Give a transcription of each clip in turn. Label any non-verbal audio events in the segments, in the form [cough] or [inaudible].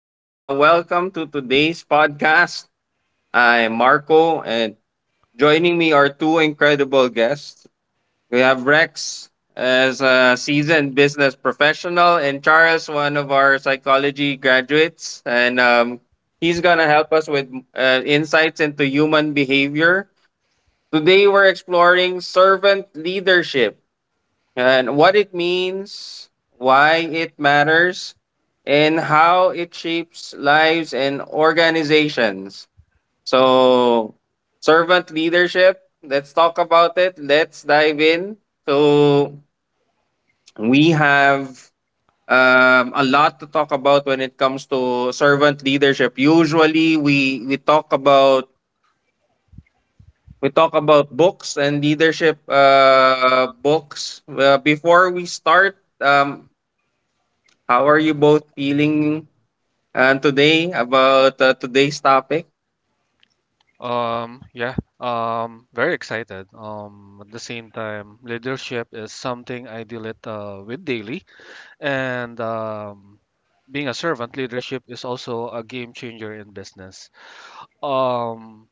and welcome to today's podcast. I'm Marco, and joining me are two incredible guests. We have Rex as a seasoned business professional, and Charles, one of our psychology graduates, and he's gonna help us with insights into human behavior. Today, we're exploring servant leadership and what it means, why it matters, and how it shapes lives and organizations. So, servant leadership, let's talk about it. Let's dive in. So, we have a lot to talk about when it comes to servant leadership. Usually, we talk about books and leadership books. Before we start, um, how are you both feeling today about today's topic? Yeah, very excited. At the same time, leadership is something I deal it with daily, and being a servant, leadership is also a game changer in business. Um,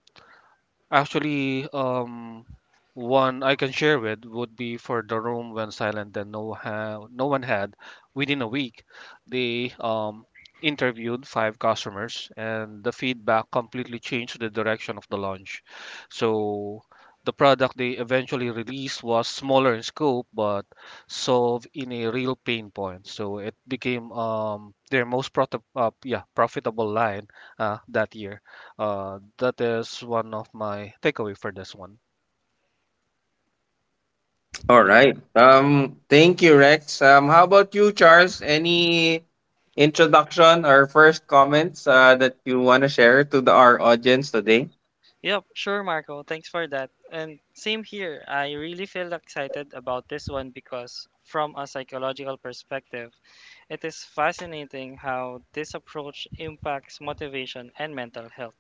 Actually, one I can share with would be for the room when silent and no one had within a week. They interviewed five customers, and the feedback completely changed the direction of the launch. So the product they eventually released was smaller in scope, but solved in a real pain point. So it became their most yeah, profitable line that year. That is one of my takeaway for this one. All right. Thank you, Rex. How about you, Charles? Any introduction or first comments that you want to share to our audience today? Yep, sure, Marco. Thanks for that. And same here. I really feel excited about this one because, from a psychological perspective, it is fascinating how this approach impacts motivation and mental health.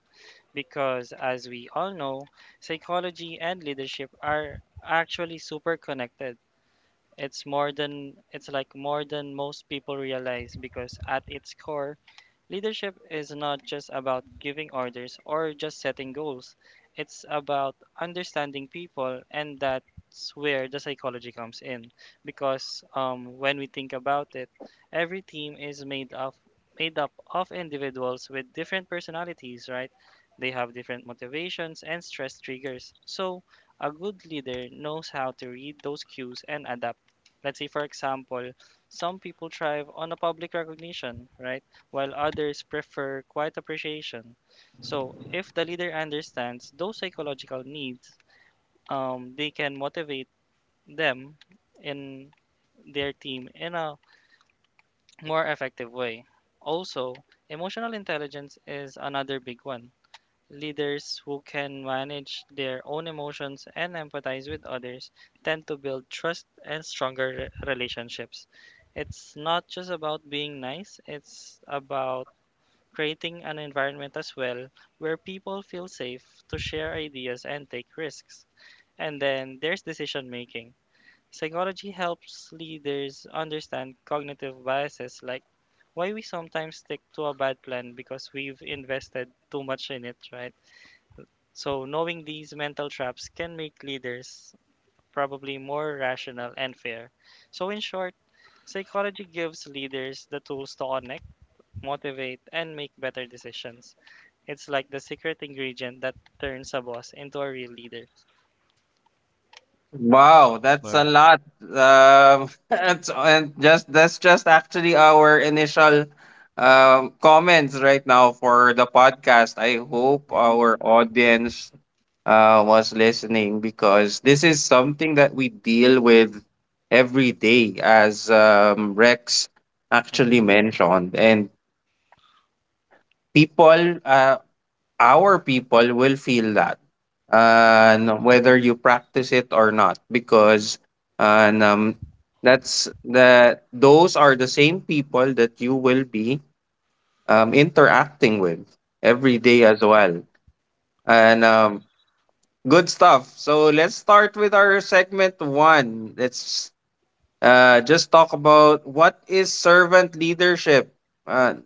Because, as we all know, psychology and leadership are actually super connected. It's like more than most people realize because at its core, leadership is not just about giving orders or just setting goals. It's about understanding people, and that's where the psychology comes in because when we think about it, every team is made up of individuals with different personalities, right? They have different motivations and stress triggers. So, a good leader knows how to read those cues and adapt. Let's say, for example, some people thrive on a public recognition, right? While others prefer quiet appreciation. So, if the leader understands those psychological needs, they can motivate them in their team in a more effective way. Also, emotional intelligence is another big one. Leaders who can manage their own emotions and empathize with others tend to build trust and stronger relationships. It's not just about being nice, it's about creating an environment as well where people feel safe to share ideas and take risks. And then there's decision making. Psychology helps leaders understand cognitive biases, like why we sometimes stick to a bad plan because we've invested too much in it, right? So, knowing these mental traps can make leaders probably more rational and fair. So, in short, psychology gives leaders the tools to connect, motivate, and make better decisions. It's like the secret ingredient that turns a boss into a real leader. Wow, that's a Yeah. lot. [laughs] That's just actually our initial comments right now for the podcast. I hope Hmm. our audience was listening because this is something that we deal with every day, as Rex Hmm. actually mentioned. And people, uh, our people will feel that, Hmm. Whether you practice it or not, because and, that's that those are the same people that you will be interacting with every day as well. And Good stuff. So, let's start with our segment one. Let's just talk about what is servant leadership. Uh,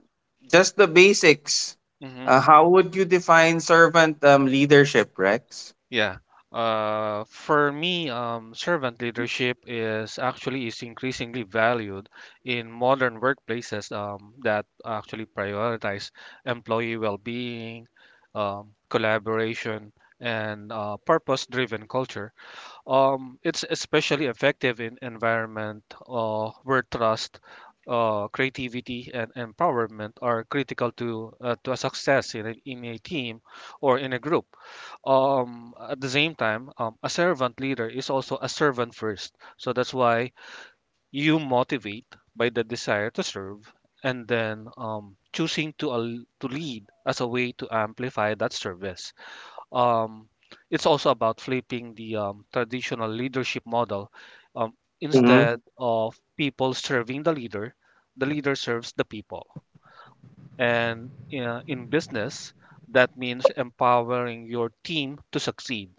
just the basics. Hmm. How would you define servant leadership, Rex? Yeah. For me, servant leadership is actually is increasingly valued in modern workplaces that actually prioritize employee well-being, collaboration, and purpose-driven culture. It's especially effective in environment where trust, creativity, and empowerment are critical to a success in in a team or in a group. At the same time, a servant leader is also a servant first. So that's why you motivate by the desire to serve, and then choosing to lead as a way to amplify that service. Um, it's also about flipping the traditional leadership model. Um, Mm-hmm. Instead of people serving the leader serves the people. And in business, that means empowering your team to succeed.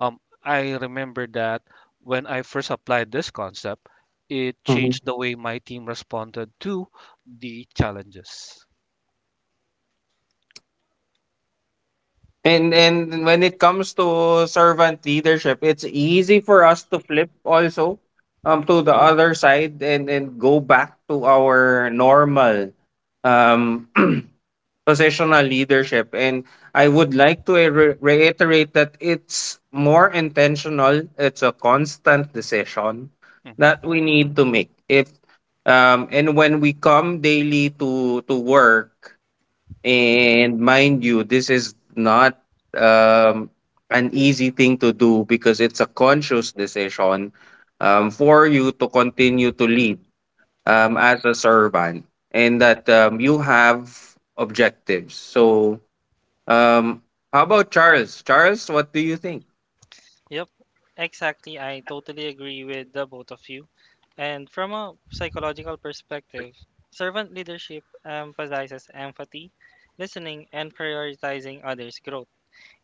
I remember that when I first applied this concept, it changed the way my team responded to the challenges. And when it comes to servant leadership, it's easy for us to flip also to the other side and go back to our normal um [clears throat] positional leadership. And I would like to reiterate that it's more intentional. It's a constant decision Mhm. that we need to make. If and when we come daily to work, Mhm. and mind you, this is not um, an easy thing to do because it's a conscious decision for you to continue to lead Mhm. As a servant, and that you have objectives. So, um, how about Charles? Charles, what do you think? Yep, exactly. I totally agree with the both of you. And from a psychological perspective, servant leadership emphasizes empathy, listening, and prioritizing others' growth.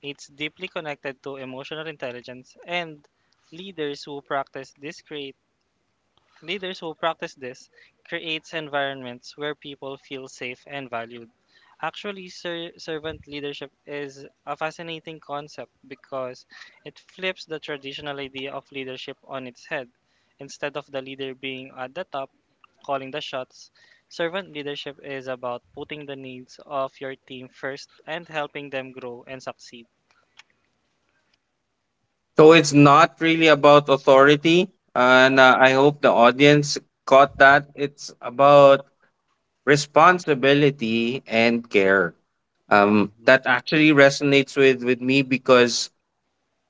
It's deeply connected to emotional intelligence, and leaders who practice this create leaders who practice this creates environments where people feel safe and valued. Actually, servant leadership is a fascinating concept because it flips the traditional idea of leadership on its head. Instead of the leader being at the top calling the shots, servant leadership is about putting the needs of your team first and helping them grow and succeed. So, it's not really about authority. And I hope the audience caught that. It's about responsibility and care Mhm. that actually resonates with me because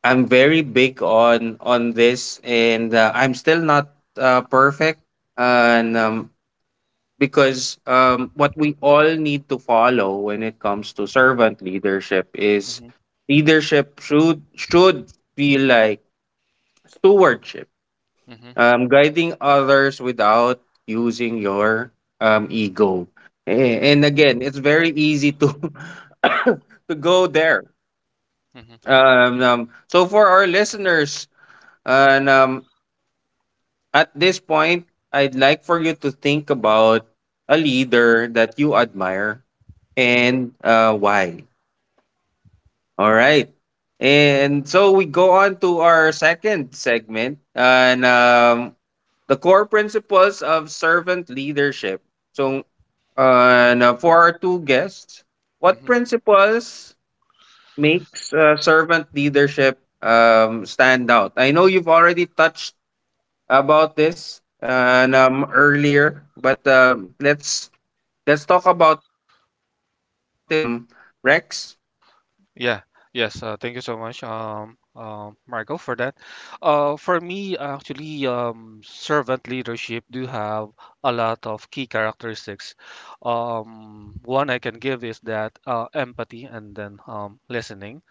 I'm very big on this, and I'm still not perfect, and because what we all need to follow when it comes to servant leadership is Mhm. leadership should feel like stewardship. Mhm. Guiding others without using your ego. Mhm. And again, it's very easy to [coughs] to go there. Mhm. Um, um, so for our listeners, and at this point, I'd like for you to think about a leader that you admire and why. All right. And so we go on to our second segment on the core principles of servant leadership. So, and for our two guests, what Mhm. principles makes servant leadership stand out? I know you've already touched about this Mhm. And earlier, but let's talk about it some more. And Rex, Yeah. Yes. Thank you so much, Michael, for that. For me, actually, servant leadership do have a lot of key characteristics. One I can give is that empathy and then listening.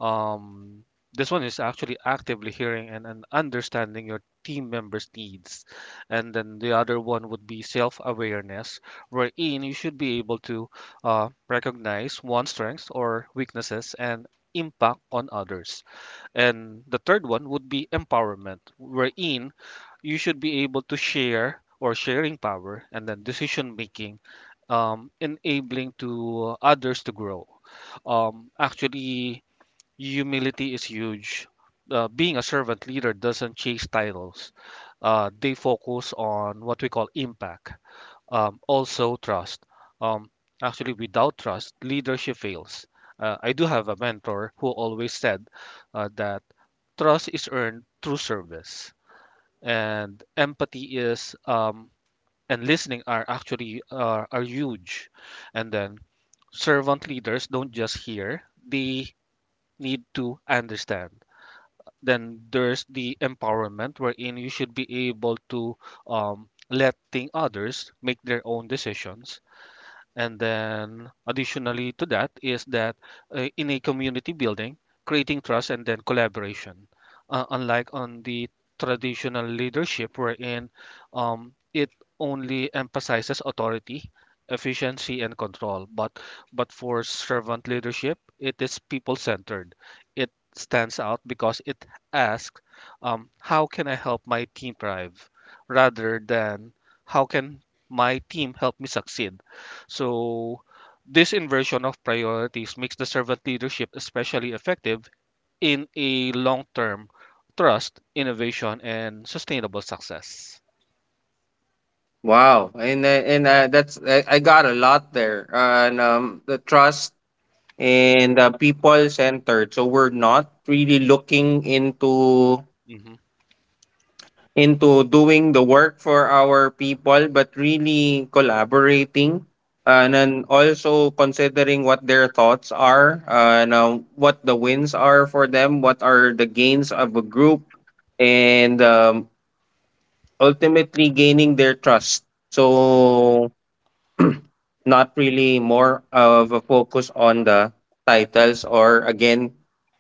Um, this one is actually actively hearing and understanding your team members' needs. And then the other one would be self awareness, wherein you should be able to recognize one's strengths or weaknesses and impact on others. And the third one would be empowerment, wherein you should be able to share or sharing power and then decision making, enabling to others to grow. Actually, humility is huge. Being a servant leader doesn't chase titles. They focus on what we call impact. Also, trust. Um, Actually, without trust, leadership fails. I do have a mentor who always said that trust is earned through service, and empathy is and listening are actually are huge. And then servant leaders don't just hear; they need to understand. Then there's the empowerment, wherein you should be able to let thing others make their own decisions, and then, additionally to that, is that in a community building, creating trust and then collaboration. Unlike on the traditional leadership, wherein it only emphasizes authority, efficiency, and control, but for servant leadership, it is people-centered. It stands out because it asks, "How can I help my team thrive?" rather than "How can my team help me succeed?" So, this inversion of priorities makes the servant leadership especially effective in a long term trust, innovation, and sustainable success. wow, and that's I got a lot there, and the trust and people centered. So we're not really looking into Hmm. into doing the work for our people, but really collaborating, and then also considering what their thoughts are, and what the wins are for them, what are the gains of a group, and ultimately gaining their trust. Hmm. So [clears throat] not really more of a focus on the titles, or again,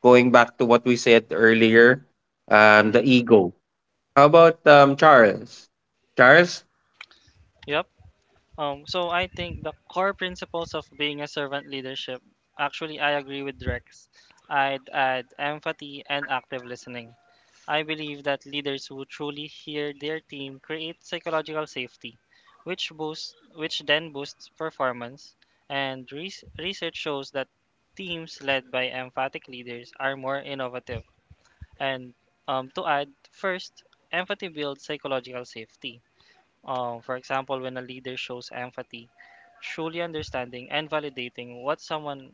going back to what we said earlier, the Hmm. ego. How about Charles? Charles, Yep. So I think the core principles of being a servant leadership, actually, I agree with Rex. I'd add empathy and active listening. I believe that leaders who truly hear their team create psychological safety, which then boosts performance. And research shows that teams led by emphatic leaders are more innovative. And to add, first, empathy builds psychological safety. For example, when a leader shows empathy, truly understanding and validating what someone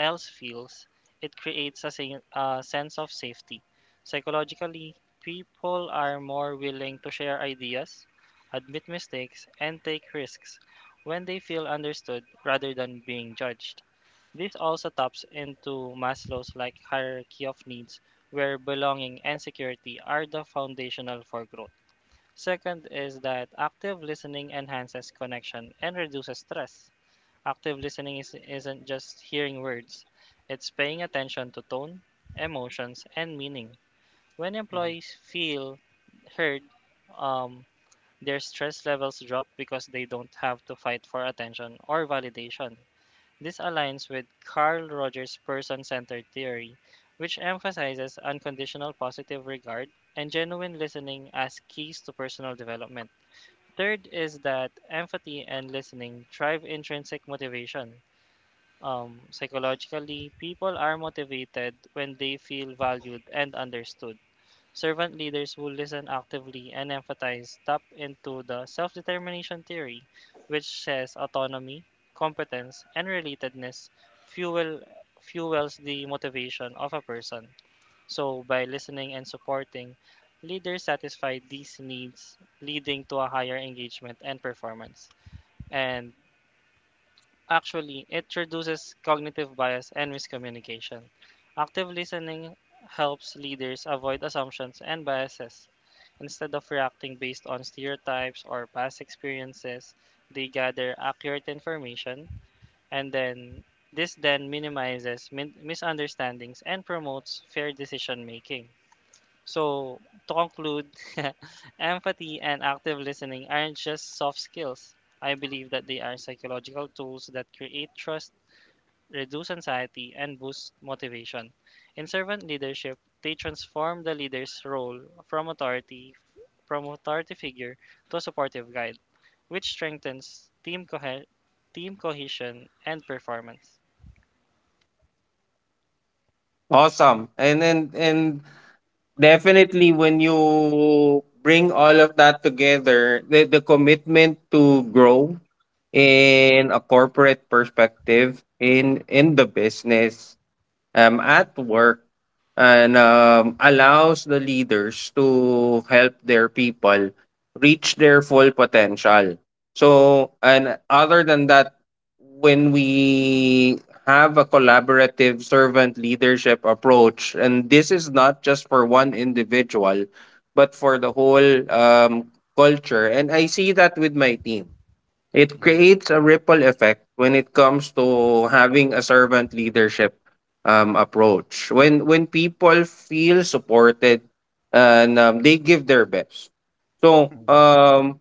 else feels, it creates a sense of safety. Psychologically, people are more willing to share ideas, admit mistakes, and take risks when they feel understood rather than being judged. This also taps into Maslow's like hierarchy of needs, where belonging and security are the foundational for growth. Second is that active listening enhances connection and reduces stress. Active listening isn't just hearing words, it's paying attention to tone, emotions, and meaning. When Hmm. employees feel heard, um, their stress levels drop because they don't have to fight for attention or validation. This aligns with Carl Rogers' person centered theory, which emphasizes unconditional positive regard and genuine listening as keys to personal development. Third is that empathy and listening drive intrinsic motivation. Psychologically, people are motivated when they feel valued and understood. Servant leaders who listen actively and empathize tap into the self determination theory, which says autonomy, competence, and relatedness fuel, fuels the motivation of a person. So, by listening and supporting, leaders satisfy these needs, leading to a higher engagement and performance. And actually, it reduces cognitive bias and miscommunication. Active listening helps leaders avoid assumptions and biases. Instead of reacting based on stereotypes or past experiences, they gather accurate information, and then this then minimizes misunderstandings and promotes fair decision making. So, to conclude, [laughs] empathy and active listening aren't just soft skills. I believe that they are psychological tools that create trust, reduce anxiety, and boost motivation. In servant leadership, they transform the leader's role from authority from authority figure to a supportive guide, which strengthens team cohesion and performance. awesome. And then and definitely when you bring all of that together, the commitment to grow Hmm. in a corporate perspective in the business, at work, and allows the leaders to help their people reach their full potential. So, and other than that, when we have a collaborative servant leadership approach, and this is not just for one individual, but for the whole culture. And I see that with my team. It creates a ripple effect when it comes to having a servant leadership approach. When people feel supported, and they give their best. So, Hmm.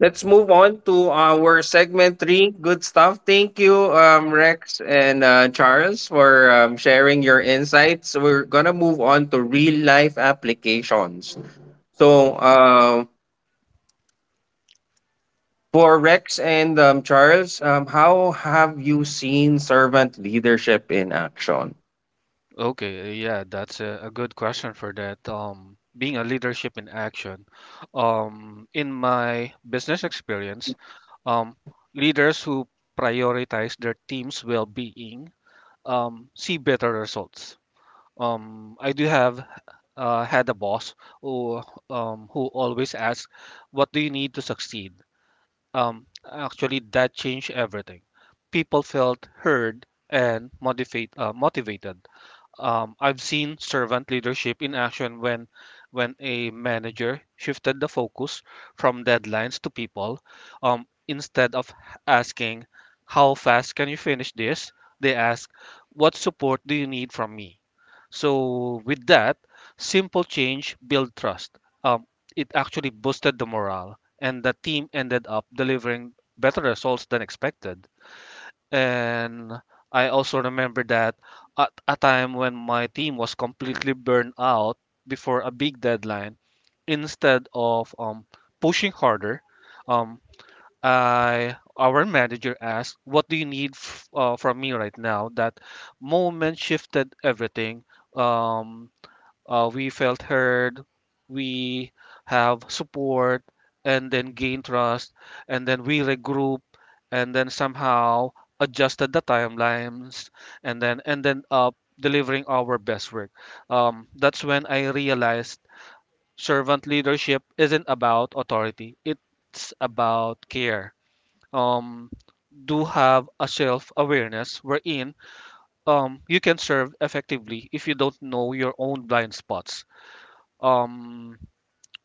let's move on to our segment three. Good stuff. Thank you, Rex, and Charles, for sharing your insights. We're gonna move on to real life applications. Mm-hmm. So. For Rex and Charles, how have you seen servant leadership in action? Okay, yeah, that's a good question for that. Being a leadership in action. In my business experience, um, leaders who prioritize their team's well-being see better results. I do have had a boss who who always asks, "What do you need to succeed?" Actually, that changed everything. People felt heard and motivated. I've seen servant leadership in action when a manager shifted the focus from deadlines to people. Instead of asking, "How fast can you finish this?" they ask, "What support do you need from me?" So with that, simple change build trust. Um, it actually boosted the morale, and the team ended up delivering better results than expected. And I also remember that at a time when my team was completely burned out before a big deadline, instead of pushing harder, um, I our manager asked, "What do you need from me right now?" That moment shifted everything. Um, we felt heard, we have support, and then gain trust, and then we regroup, and then somehow adjusted the timelines, and then delivering our best work. That's when I realized servant leadership isn't about authority; it's about care. Um, do have a self-awareness wherein you can serve effectively if you don't know your own blind spots um,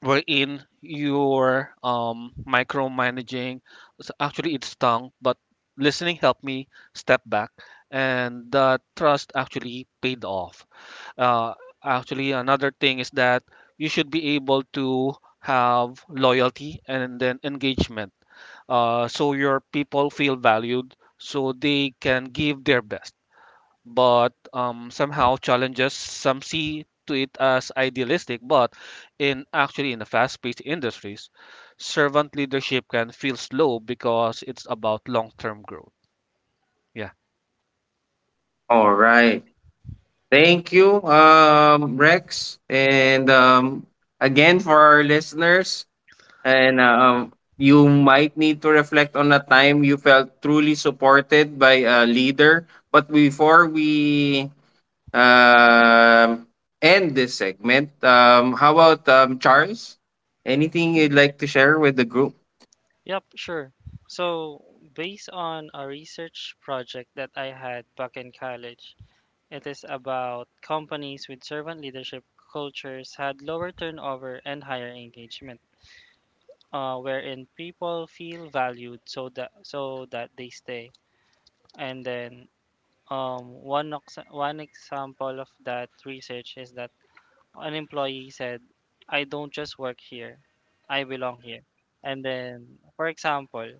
wherein you're micromanaging. So actually, it's tongue, but listening helped me step back, and the trust actually paid off. Uh, Actually, another thing is that you should be able to have loyalty and then engagement, so your people feel valued, so they can give their best. But somehow challenges some see to it as idealistic, but in the fast-paced industries servant leadership can feel slow because it's about long-term growth. Yeah. All right. Thank you, Rex. And again, for our listeners, and you might need to reflect on a time you felt truly supported by a leader. But before we um, end this segment, how about Charles? Anything you'd like to share with the group? Yep, sure. So, based on a research project that I had back in college, it is about companies with servant leadership cultures had lower turnover and higher engagement, wherein people feel valued so that they stay. And then, one example of that research is that an employee said, "I don't just work here, I belong here." And then, for example.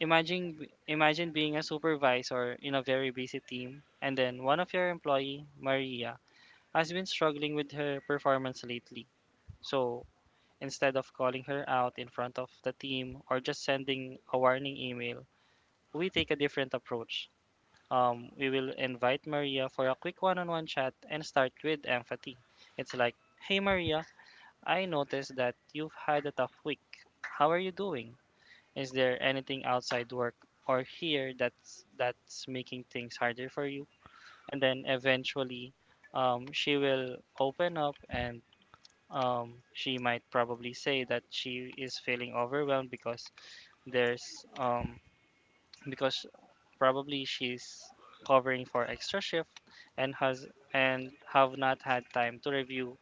Imagine Imagine being a supervisor in a very busy team, and then one of your employee, Maria, has been struggling with her performance lately. So, instead of calling her out in front of the team or just sending a warning email, we take a different approach. We will invite Maria for a quick one-on-one chat and start with empathy. It's like, "Hey Maria, I noticed that you've had a tough week. How are you doing? Is there anything outside work or here that's making things harder for you?" And then eventually, she will open up, and she might probably say that she is feeling overwhelmed because there's because probably she's covering for extra shift and has and have not had time to review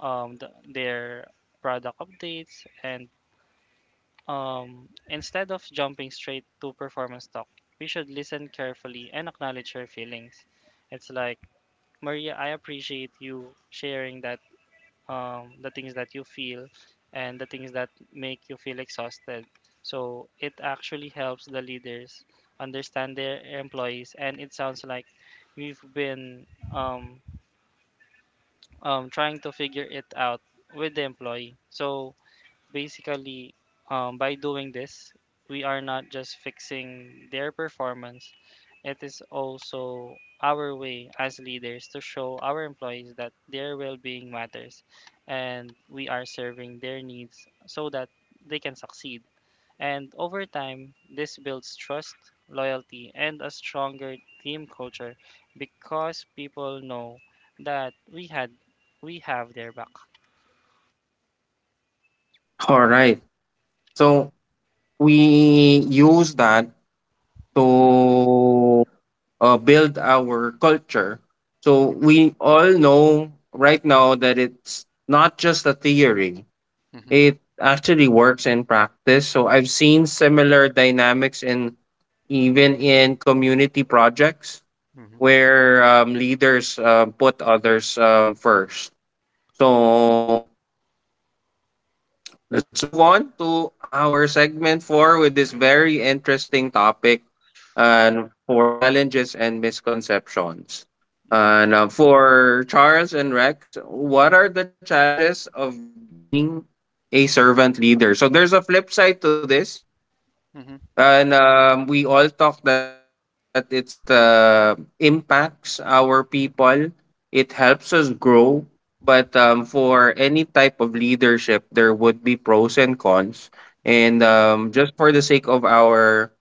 their product updates. And um, instead of jumping straight to performance talk, we should listen carefully and acknowledge her feelings. It's like, Maria, I appreciate you sharing that the things that you feel and the things that make you feel exhausted. So it actually helps the leaders understand their employees, and it sounds like we've been um, trying to figure it out with the employee. So basically, by doing this we are not just fixing their performance, it is also our way as leaders to show our employees that their well-being matters and we are serving their needs so that they can succeed. And over time this builds trust, loyalty, and a stronger team culture, because people know that we have their back. All right. So we use that to build our culture. So Hmm. we all know right now that it's not just a theory, Hmm. it actually works in practice. So I've seen similar dynamics in even in community projects Hmm. where leaders put others first. So, let's move on to our segment four with this very interesting topic and for challenges and misconceptions. Hmm. And for Charles and Rex, what are the challenges of being a servant leader? So there's a flip side to this. Hmm. We all talk that it's something that, impacts our people. It helps us grow. But, for any type of leadership, there would be pros and cons. Hmm. And, just for the sake of our,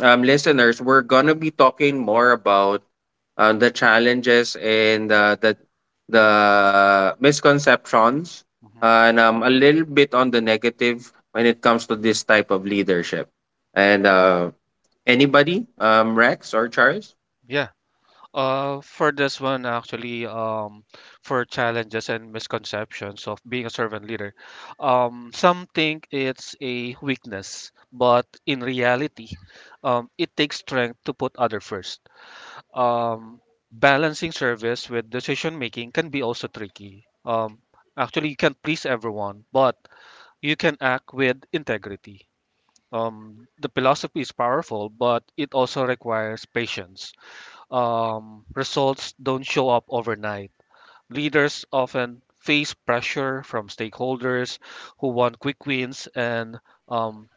um, listeners, we're gonna be talking more about the challenges and the misconceptions, and a little bit on the negative when it comes to this type of leadership, and anybody, Rex or Charles? Hmm. For this one, actually, for challenges and misconceptions of being a servant leader, some think it's a weakness, but in reality, it takes strength to put other first. Um, Balancing service with decision making can be also tricky. Actually, you can't please everyone, but you can act with integrity. The philosophy is powerful, but it also requires patience. Results don't show up overnight. Leaders often face pressure from stakeholders who want quick wins, and um,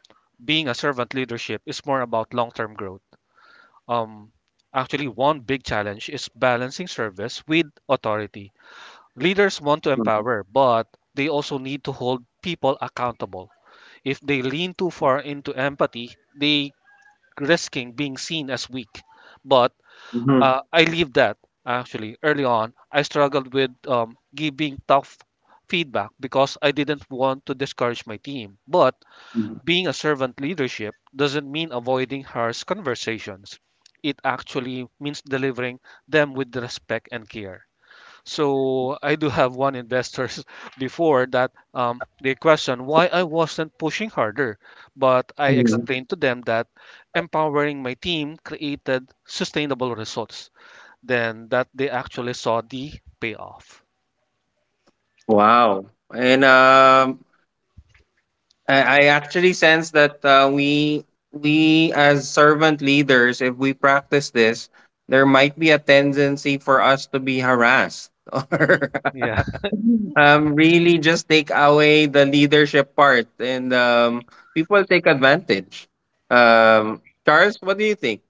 being a servant leadership is more about long term growth. Um, Actually, one big challenge is balancing service with authority. Leaders want to empower, but they also need to hold people accountable. If they lean too far into empathy, they risking being seen as weak. But Mhm. I leave that actually early on. I struggled with giving tough feedback because I didn't want to discourage my team. But being a servant leadership doesn't mean avoiding harsh conversations. It actually means delivering them with respect and care. So I do have one investor [laughs] before that they questioned why I wasn't pushing harder, but I Mhm. explained to them that empowering my team created sustainable results then that they actually saw the payoff. Wow, and I actually sense that we as servant leaders, if we practice this there might be a tendency for us to be harassed [laughs] Hmm. or Yeah. Really just take away the leadership part, and people take advantage. Um, Charles, what do you think?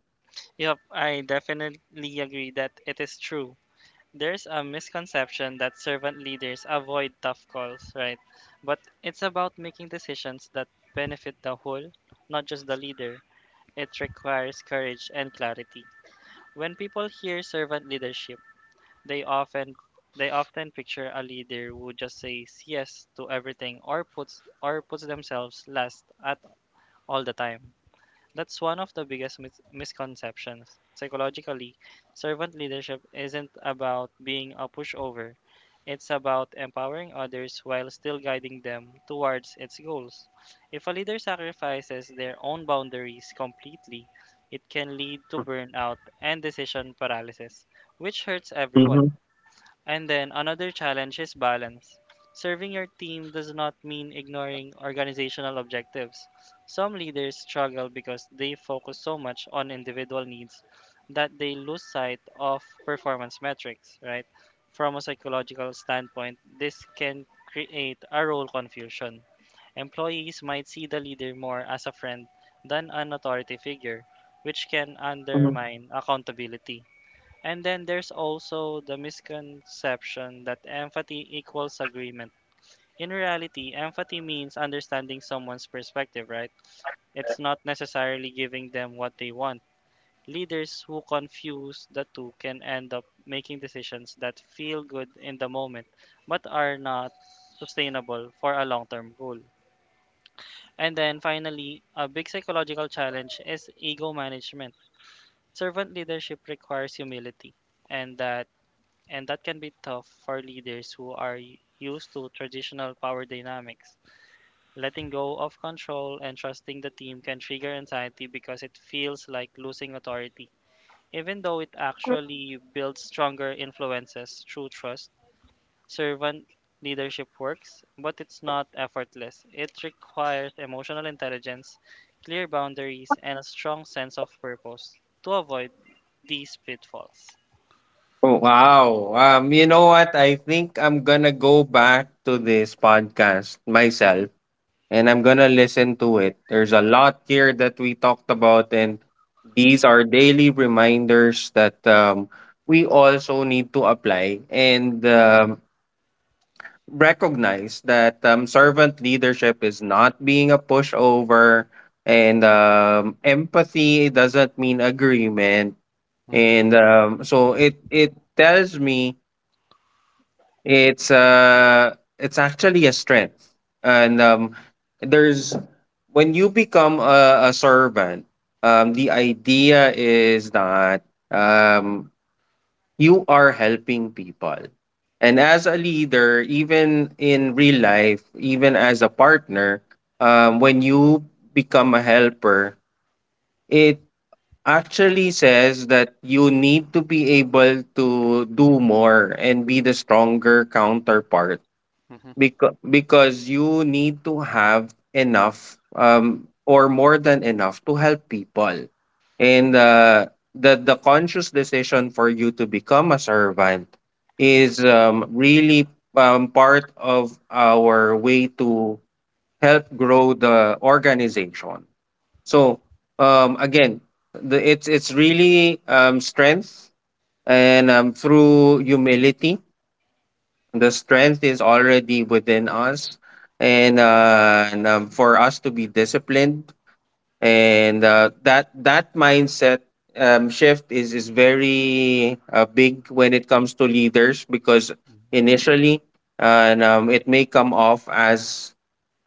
Yep, I definitely agree that it is true. There's a misconception that servant leaders avoid tough calls, right? But it's about making decisions that benefit the whole, not just the leader. It requires courage and clarity. When people hear servant leadership, they often they often picture a leader who just says yes to everything, or puts themselves last at all the time. That's one of the biggest misconceptions. Psychologically, servant leadership isn't about being a pushover, it's about empowering others while still guiding them towards its goals. If a leader sacrifices their own boundaries completely, it can lead to burnout and decision paralysis, which hurts hmm everyone. And then another challenge is balance. Serving your team does not mean ignoring organizational objectives. Some leaders struggle because they focus so much on individual needs that they lose sight of performance metrics, right? From a psychological standpoint, this can create a role confusion. Employees might see the leader more as a friend than an authority figure, which can hmm undermine accountability. And then there's also the misconception that empathy equals agreement. In reality, empathy means understanding someone's perspective, right? It's not necessarily giving them what they want. Leaders who confuse the two can end up making decisions that feel good in the moment but are not sustainable for a long term goal. And then finally, a big psychological challenge is ego management. Servant leadership requires humility, and that can be tough for leaders who are used to traditional power dynamics. Letting go of control and trusting the team can trigger anxiety because it feels like losing authority. Even though it actually builds stronger influences through trust, servant leadership works, but it's not effortless. It requires emotional intelligence, clear boundaries, and a strong sense of purpose to avoid these pitfalls. Oh, wow. You know what? I think I'm gonna go back to this podcast [laughs] Hmm. myself, and I'm gonna listen to it. There's a lot here that we talked about, and these are daily reminders that we also need to apply. And recognize that servant leadership is not being a pushover, and empathy doesn't mean agreement, Hmm. and so it tells me it's actually a strength. And there's when you become a servant, the idea is that um, you are helping people. And as a leader, even in real life, even as a partner, when you become a helper, it actually says that you need to be able to do more and be the stronger counterpart, Hmm. because you need to have enough, or more than enough, to help people. And the conscious decision for you to become a servant is really part of our way to help grow the organization. So, again, it's really strength. And through humility the strength is already within us. And for us to be disciplined, and that mindset shift is very big when it comes to leaders, because initially, and it may come off as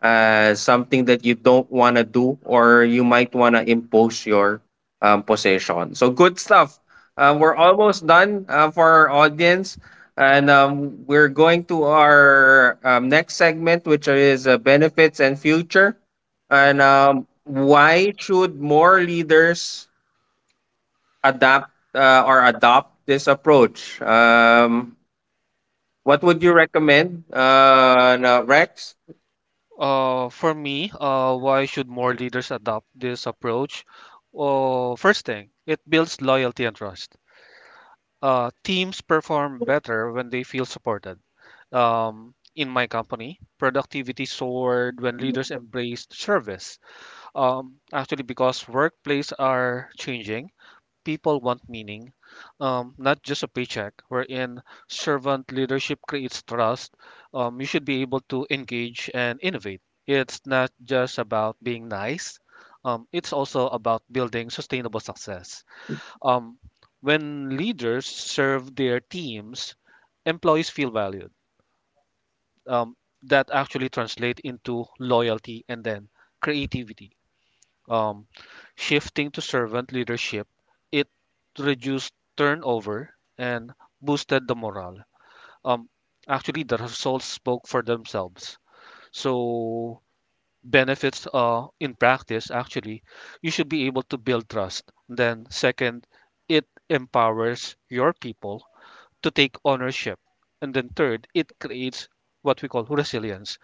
something that you don't want to do, or you might want to impose your position. So, good stuff. We're Hmm. almost done, for our audience. And we're going to our next segment, which is benefits and future. And Hmm. Why should more leaders adapt or adopt this approach? What Hmm. would you recommend, Rex? For me, why should more leaders adopt this approach? First thing, it builds loyalty and trust. Teams perform better when they feel supported. In my company, productivity soared when leaders embraced service. Actually, because workplaces are changing, people want meaning, not just a paycheck, wherein servant leadership creates trust, you should be able to engage and innovate. It's not just about being nice, it's also about building sustainable success. Um, when leaders serve their teams, employees feel valued. Um, that actually translate into loyalty and then creativity. Um, shifting to servant leadership, it reduced turnover and boosted the morale. Um, Actually, the results spoke for themselves. So, benefits in practice, actually, you should be able to build trust. Then, second, it empowers your people to take ownership. And then, third, it creates what we call resilience.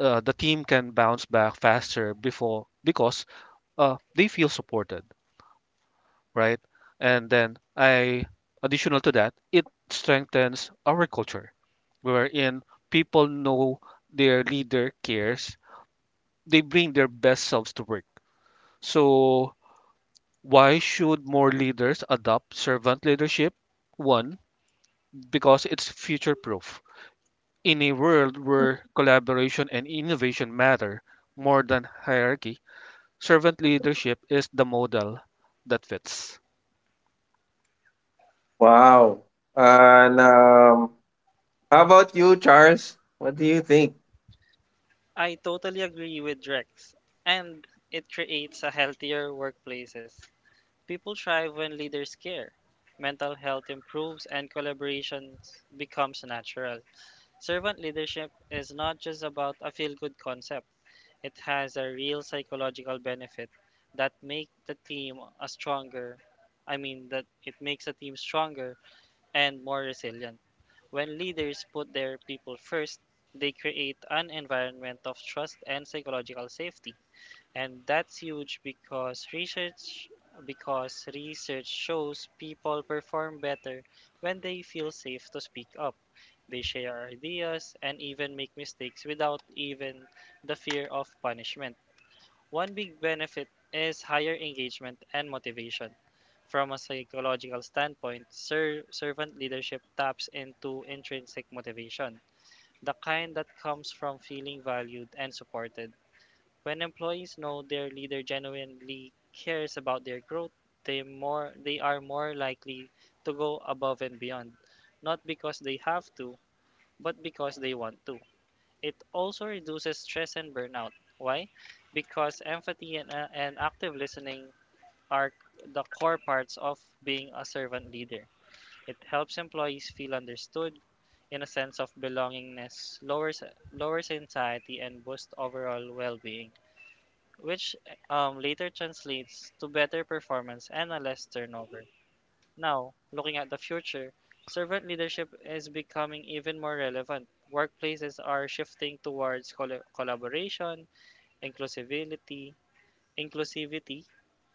The team can bounce back faster before because they feel supported. Right? And then I additional to that, it strengthens our culture wherein people know their leader cares. They bring their best selves to work. So why should more leaders adopt servant leadership? One, because it's future proof. In a world where collaboration and innovation matter more than hierarchy, servant leadership is the model that fits. Wow. And how about you, Charles? What do you think? I totally agree with Rex, and it creates a healthier workplaces. People thrive when leaders care. Mental health improves and collaboration becomes natural. Servant leadership is not just about a feel good concept. It has a real psychological benefit that make the team a stronger I mean that it makes a team stronger and more resilient. When leaders put their people first, they create an environment of trust and psychological safety. And that's huge, because research shows people perform better when they feel safe to speak up. They share ideas and even make mistakes without even the fear of punishment. One big benefit is higher engagement and motivation. From a psychological standpoint, servant leadership taps into intrinsic motivation, the kind that comes from feeling valued and supported. When employees know their leader genuinely cares about their growth, they are more likely to go above and beyond, not because they have to, but because they want to. It also reduces stress and burnout. Why? Because empathy and, active listening are the core parts of being a servant leader. It helps employees feel understood in a sense of belongingness, lowers anxiety, and boosts overall well being, which later translates to better performance and a less turnover. Now, looking at the future, servant leadership is becoming even more relevant. Workplaces are shifting towards collaboration, inclusivity, inclusivity,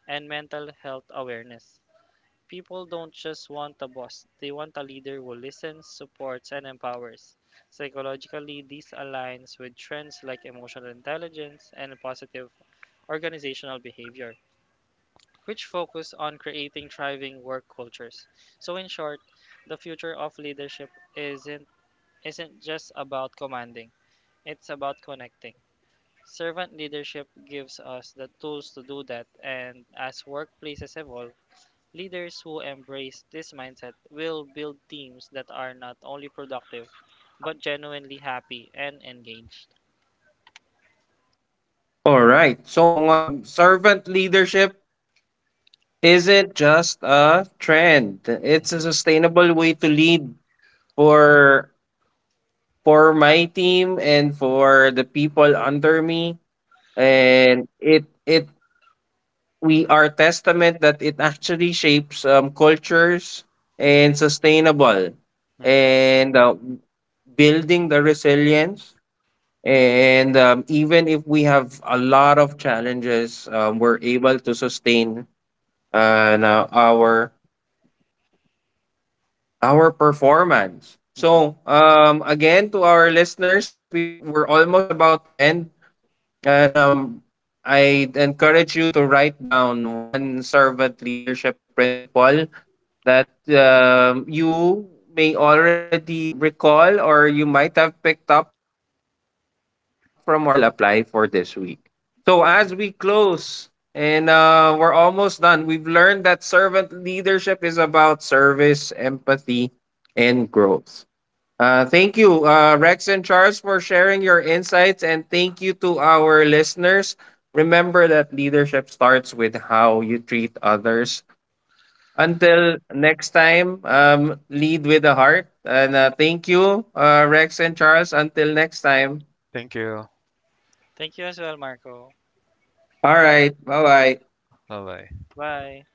and mental health awareness. People don't just want a boss, they want a leader who listens, supports, and empowers. Psychologically, this aligns with trends like emotional intelligence and positive organizational behavior, which focus on creating thriving work cultures. So in short, the future of leadership isn't isn't just about commanding. It's about connecting. Servant leadership gives us the tools to do that, and as workplaces evolve, leaders who embrace this mindset will build teams that are not only productive but genuinely happy and engaged. All right. So, servant leadership isn't just a trend. It's Mhm. a sustainable way to lead for for my team and for the people under me. And it we are testament that it actually shapes cultures and sustainable, Mhm. and building the resilience. And even if we have a lot of challenges, we're able to sustain, na our performance. Mhm. So, again, to our listeners, we're almost about to end. And I encourage you to write down one servant leadership principle that you may already recall or you might have picked up from our guests that you will apply for this week. So, Mhm. as we close, and we're almost done, we've learned that servant leadership is about service, empathy, and growth. Thank you, Rex and Charles, for sharing your insights, and thank you to our listeners. Remember that leadership starts with how you treat others. Until next time, lead with the heart. And thank you, Rex and Charles. Until next time. Thank you. Thank you as well, Marco. All right. Bye bye. Bye bye. Bye.